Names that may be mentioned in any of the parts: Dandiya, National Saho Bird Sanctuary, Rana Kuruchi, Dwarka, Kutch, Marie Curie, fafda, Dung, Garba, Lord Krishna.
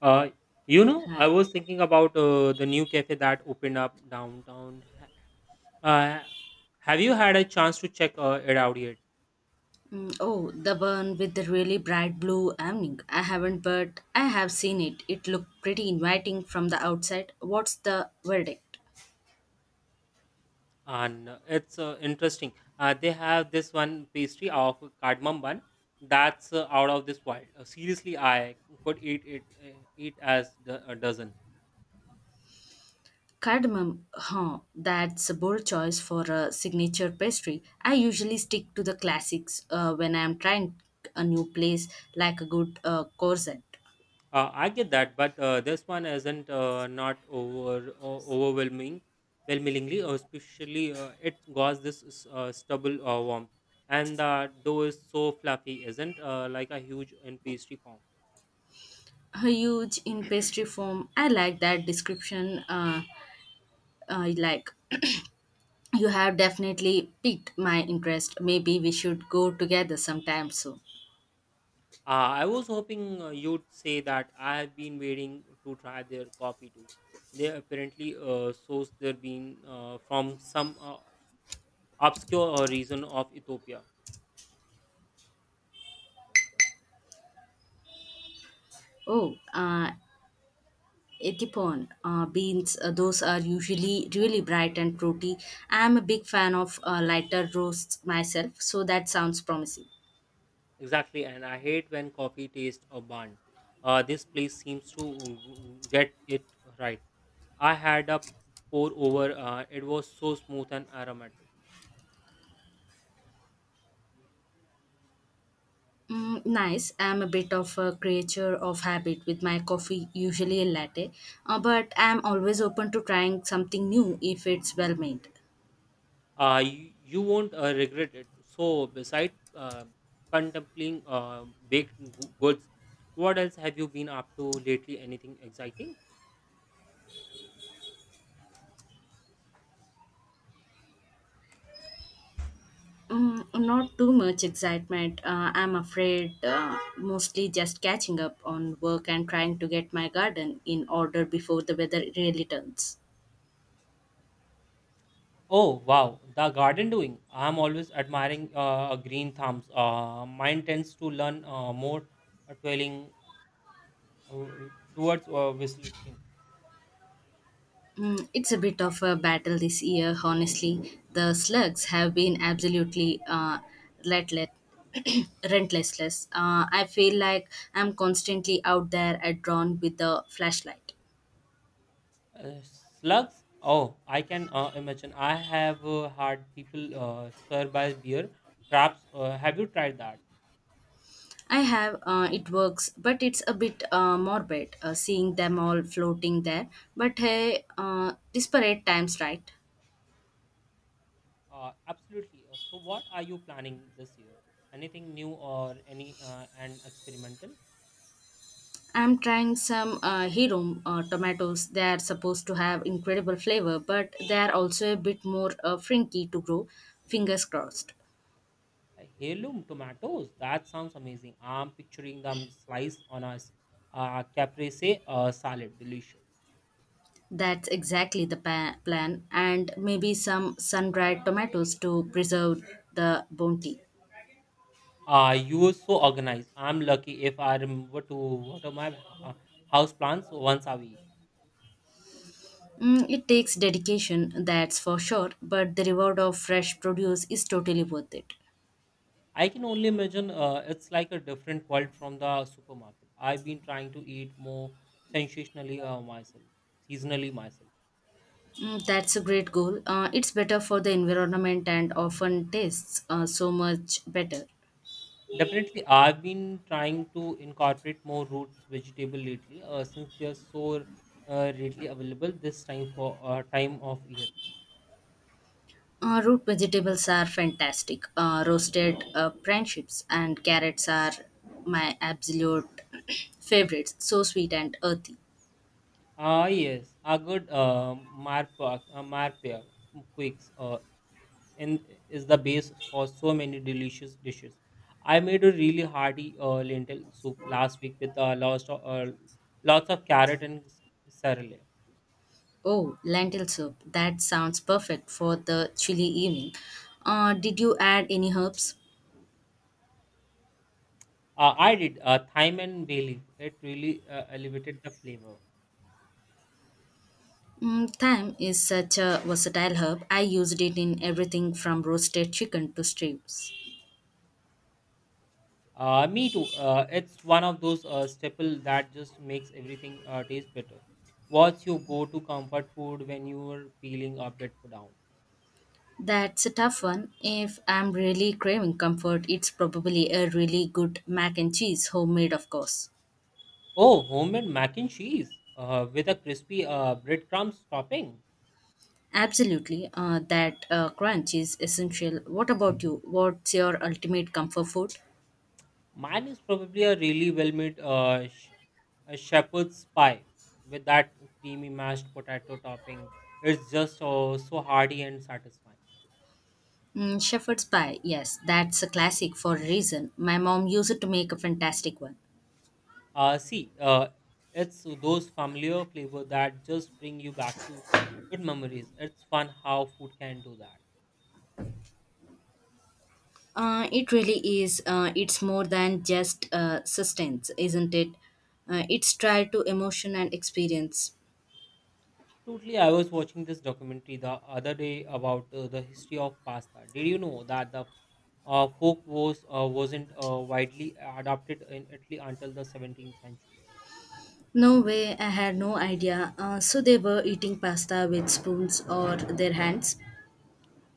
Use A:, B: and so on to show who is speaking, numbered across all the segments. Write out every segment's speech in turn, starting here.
A: Uh, I
B: Hi.
A: was thinking about the new cafe that opened up downtown. Uh, have you had a chance to check it out yet?
B: Mm, oh, the one with the really bright blue awning. I haven't, but I have seen it. It looked pretty inviting from the outside. What's the verdict?
A: And It's interesting. They have this one pastry of cardamom bun that's out of this world. Seriously, I could eat it eat as a dozen.
B: Cardamom, huh? That's a bold choice for a signature pastry. I usually stick to the classics when I'm trying a new place, like a good corset.
A: I get that, but this one isn't not overwhelming, overwhelmingly, especially it got this stubble warmth, and the dough is so fluffy, isn't like a huge in pastry form.
B: Huge in pastry form. I like that description. I like. You have definitely piqued my interest. Maybe we should go together sometime soon.
A: I was hoping you'd say that. I have been waiting to try their coffee too. They apparently source their bean from some obscure region of Ethiopia.
B: Oh, etipon beans, those are usually really bright and fruity. I'm a big fan of lighter roasts myself, so that sounds promising.
A: Exactly, and I hate when coffee tastes a bun. This place seems to get it right. I had a pour over, it was so smooth and aromatic.
B: Mm, nice. I'm a bit of a creature of habit with my coffee, usually a latte, but I'm always open to trying something new if it's well made.
A: You won't regret it. So, beside contemplating baked goods, what else have you been up to lately? Anything exciting?
B: Mm, not too much excitement. I'm afraid mostly just catching up on work and trying to get my garden in order before the weather really turns.
A: Oh, wow, the garden doing. I'm always admiring green thumbs. Mine tends to learn more twirling uh, towards whistling.
B: Mm, it's a bit of a battle this year, honestly. The slugs have been absolutely relentless. Relentless. I feel like I'm constantly out there at drawn with the flashlight.
A: Slugs, oh, I can imagine. I have had people swear by beer traps. Have you tried that?
B: I have, it works, but it's a bit morbid seeing them all floating there. But hey, disparate times, right?
A: Absolutely. So what are you planning this year, anything new or any and experimental?
B: I'm trying some hero tomatoes. They are supposed to have incredible flavor, but they are also a bit more frinky to grow. Fingers crossed.
A: Heirloom tomatoes, that sounds amazing. I'm picturing them sliced on caprese salad, delicious.
B: That's exactly the plan, and maybe some sun dried tomatoes to preserve the bounty.
A: You were so organized. I'm lucky if I remember to water my uh, house plants once a week.
B: Mm, it takes dedication, that's for sure, but the reward of fresh produce is totally worth it.
A: I can only imagine it's like a different world from the supermarket. I've been trying to eat more sensationally uh, myself, seasonally myself.
B: Mm, that's a great goal. It's better for the environment and often tastes so much better.
A: Definitely, I've been trying to incorporate more roots vegetable lately since they are so readily available this time of year.
B: Root vegetables are fantastic. Roasted prune chips and carrots are my absolute favorites. So sweet and earthy.
A: Ah yes, a good marpa quakes and is the base for so many delicious dishes. I made a really hearty lentil soup last week with lots of carrot and sarle.
B: Oh, lentil soup. That sounds perfect for the chilly evening. Did you add any herbs?
A: I did thyme and bay leaf. It really elevated the flavor.
B: Mm, thyme is such a versatile herb. I used it in everything from roasted chicken to stews.
A: Me too. It's one of those staple that just makes everything taste better. What's your go-to comfort food when you are feeling a bit down?
B: That's a tough one. If I'm really craving comfort, it's probably a really good mac and cheese, homemade, of course.
A: Oh, homemade mac and cheese with a crispy breadcrumbs topping.
B: Absolutely, that crunch is essential. What about you? What's your ultimate comfort food?
A: Mine is probably a really well-made a shepherd's pie with that creamy mashed potato topping. It's just so hearty and satisfying.
B: Mm, shepherd's pie, yes, that's a classic for a reason. My mom used to make a fantastic one.
A: Uh, see, uh, it's those familiar flavor that just bring you back to good memories. It's fun how food can do that.
B: It really is. It's more than just sustenance, isn't it? It's tied to emotion and experience.
A: Totally, I was watching this documentary the other day about the history of pasta. Did you know that the folk wasn't widely adopted in Italy until the 17th century?
B: No way, I had no idea. So they were eating pasta with spoons or their hands.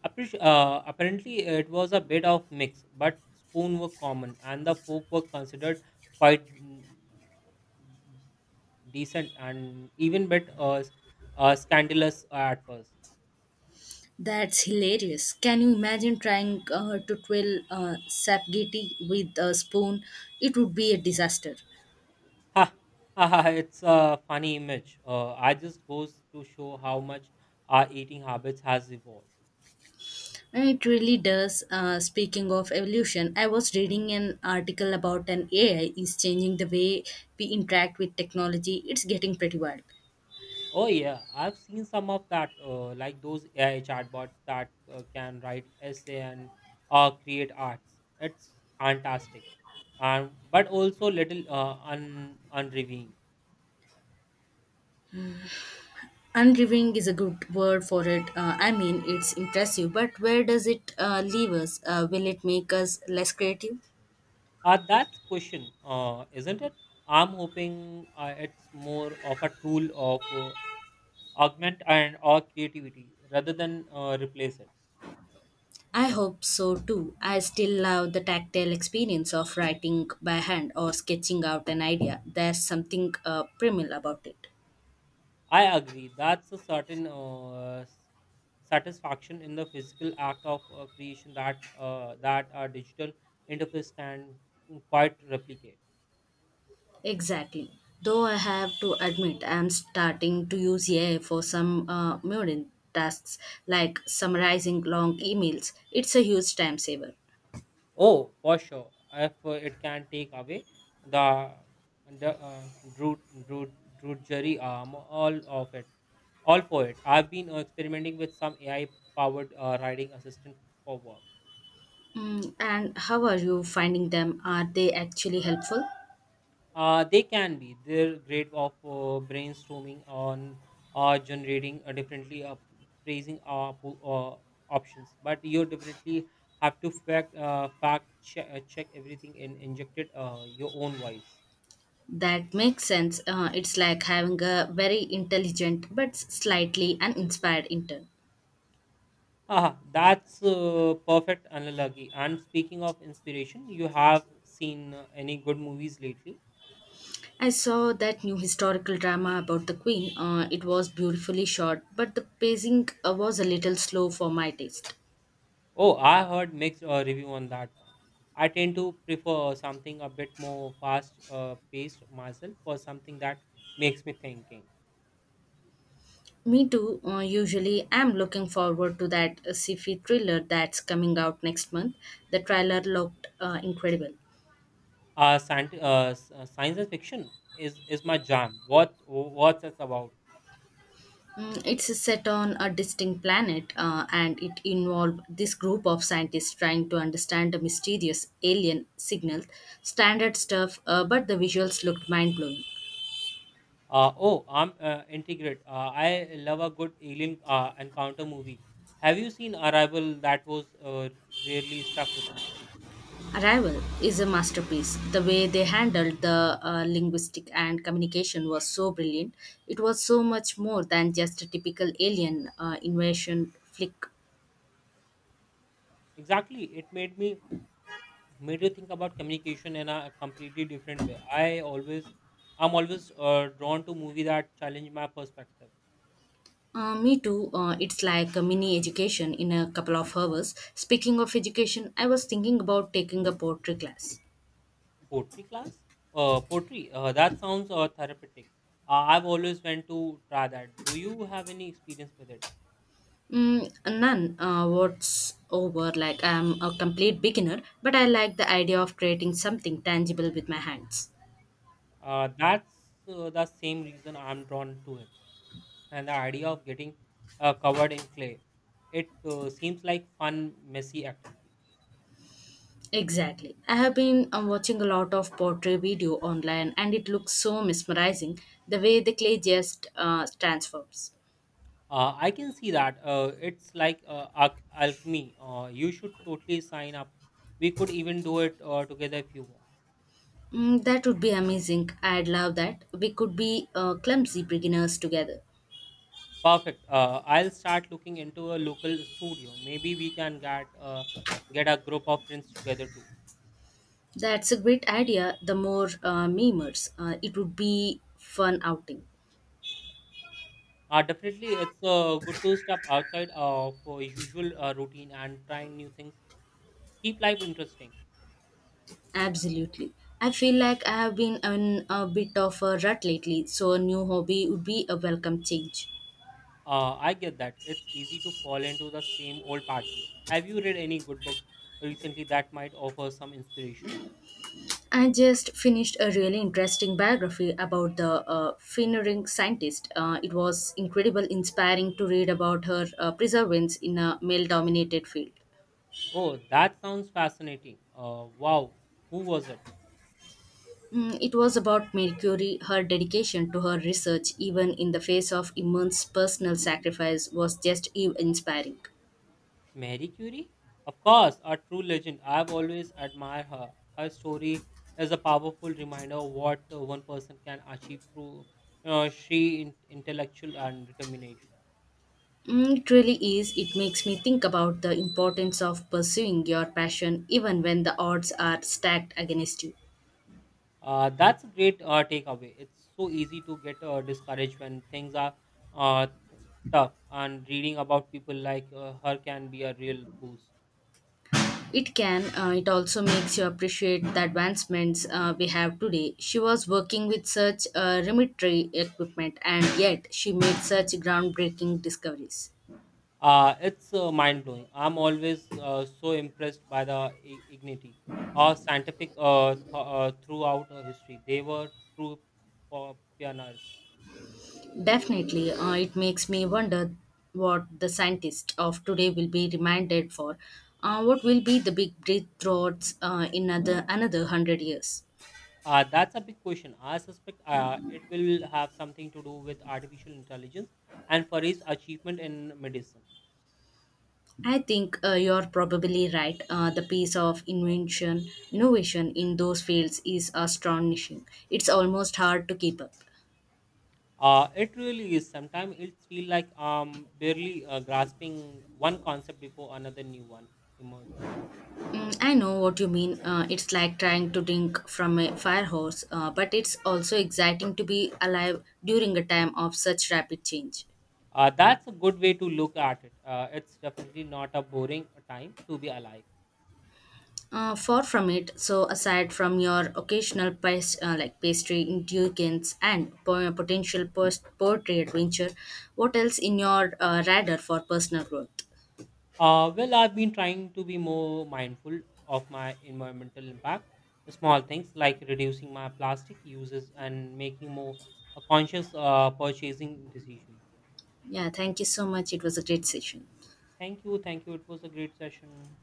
A: Apparently, it was a bit of mix, but spoon were common, and the fork were considered quite decent and even bit scandalous at first.
B: That's hilarious. Can you imagine trying to twirl sapgeti with a spoon? It would be a disaster.
A: Ha! Ha! Ha! It's a funny image. I just goes to show how much our eating habits has evolved.
B: It really does. Speaking of evolution, I was reading an article about an AI is changing the way we interact with technology. It's getting pretty wild.
A: Oh yeah, I've seen some of that, like those AI chatbots that can write essay and create arts. It's fantastic, and but also little un unrevealing.
B: Unriving is a good word for it. I mean, it's impressive, but where does it leave us? Will it make us less creative?
A: That's question, isn't it? I'm hoping it's more of a tool of augment and or creativity rather than replace it.
B: I hope so too. I still love the tactile experience of writing by hand or sketching out an idea. There's something primal about it.
A: I agree. That's a certain satisfaction in the physical act of creation that a digital interface can quite replicate.
B: Exactly. Though I have to admit, I am starting to use AI for some mundane tasks like summarizing long emails. It's a huge time saver.
A: Oh, for sure. If it can take away the the drew, drew, drudgery arm, all of it, all for it. I've been experimenting with some AI powered writing assistant for work.
B: Mm, and how are you finding them? Are they actually helpful?
A: They can be. They're great of brainstorming on generating differently phrasing options. But you definitely have to fact check everything and inject it your own voice.
B: That makes sense. It's like having a very intelligent but slightly uninspired intern.
A: Ah, that's perfect analogy. And speaking of inspiration, you have seen any good movies lately?
B: I saw that new historical drama about the Queen. It was beautifully shot, but the pacing was a little slow for my taste.
A: Oh, I heard mixed review on that one. I tend to prefer something a bit more fast paced myself for something that makes me thinking.
B: Me too. Usually, I'm looking forward to that sci-fi thriller that's coming out next month. The trailer looked incredible.
A: Science and fiction is my jam. What's this about?
B: Mm, it's set on a distinct planet, and it involved this group of scientists trying to understand a mysterious alien signal. Standard stuff, but the visuals looked mind-blowing.
A: Oh, I'm integrate. I love a good alien encounter movie. Have you seen Arrival? That was really stuck with me.
B: Arrival is a masterpiece. The way they handled the linguistic and communication was so brilliant. It was so much more than just a typical alien invasion flick.
A: Exactly, it made me think about communication in a completely different way. I'm always drawn to movie that challenge my perspective.
B: Me too. It's like a mini education in a couple of hours. Speaking of education, I was thinking about taking a poetry class.
A: Poetry class, poetry. That sounds therapeutic. I've always went to try that. Do you have any experience with it?
B: Mm, none what's over. Like I'm a complete beginner, but I like the idea of creating something tangible with my hands.
A: That's the same reason I'm drawn to it, and the idea of getting covered in clay. It seems like fun, messy activity.
B: Exactly. I have been watching a lot of pottery video online and it looks so mesmerizing the way the clay just transforms.
A: I can see that. It's like alchemy. You should totally sign up. We could even do it together if you want.
B: Mm, that would be amazing. I'd love that. We could be clumsy beginners together.
A: Perfect. I'll start looking into a local studio. Maybe we can get a group of friends together too.
B: That's a great idea. The more memers, it would be fun outing.
A: Definitely, it's good to step outside of usual routine and try new things. Keep life interesting.
B: Absolutely. I feel like I have been in a bit of a rut lately, so a new hobby would be a welcome change.
A: I get that. It's easy to fall into the same old pattern. Have you read any good books recently that might offer some inspiration?
B: I just finished a really interesting biography about the Finneran scientist. It was incredible, inspiring to read about her perseverance in a male-dominated field.
A: Oh, that sounds fascinating. Wow, who was it?
B: Mm, it was about Marie Curie. Her dedication to her research, even in the face of immense personal sacrifice, was just inspiring.
A: Mary Curie? Of course, a true legend. I've always admired her. Her story is a powerful reminder of what one person can achieve through sheer intellectual and determination.
B: Mm, it really is. It makes me think about the importance of pursuing your passion even when the odds are stacked against you.
A: That's a great takeaway. It's so easy to get discouraged when things are uh, tough, and reading about people like her can be a real boost.
B: It can. It also makes you appreciate the advancements we have today. She was working with such rudimentary equipment, and yet she made such groundbreaking discoveries.
A: It's mind blowing. I'm always so impressed by the ignity or scientific throughout history. They were true pioneers.
B: Definitely, it makes me wonder what the scientists of today will be reminded for. What will be the big breakthroughs in another 100 years?
A: That's a big question. I suspect it will have something to do with artificial intelligence and for its achievement in medicine.
B: I think you're probably right. The pace of invention, innovation in those fields is astonishing. It's almost hard to keep up.
A: It really is. Sometimes it feels like barely grasping one concept before another new one emerges.
B: Mm, I know what you mean. It's like trying to drink from a fire hose, but it's also exciting to be alive during a time of such rapid change.
A: That's a good way to look at it. It's definitely not a boring time to be alive.
B: Far from it. So, aside from your occasional past, like pastry indulgence and potential poetry adventure, what else in your radar for personal growth?
A: Well, I've been trying to be more mindful of my environmental impact. The small things like reducing my plastic uses and making more conscious purchasing decisions.
B: Yeah, thank you so much. It was a great session.
A: Thank you. Thank you. It was a great session.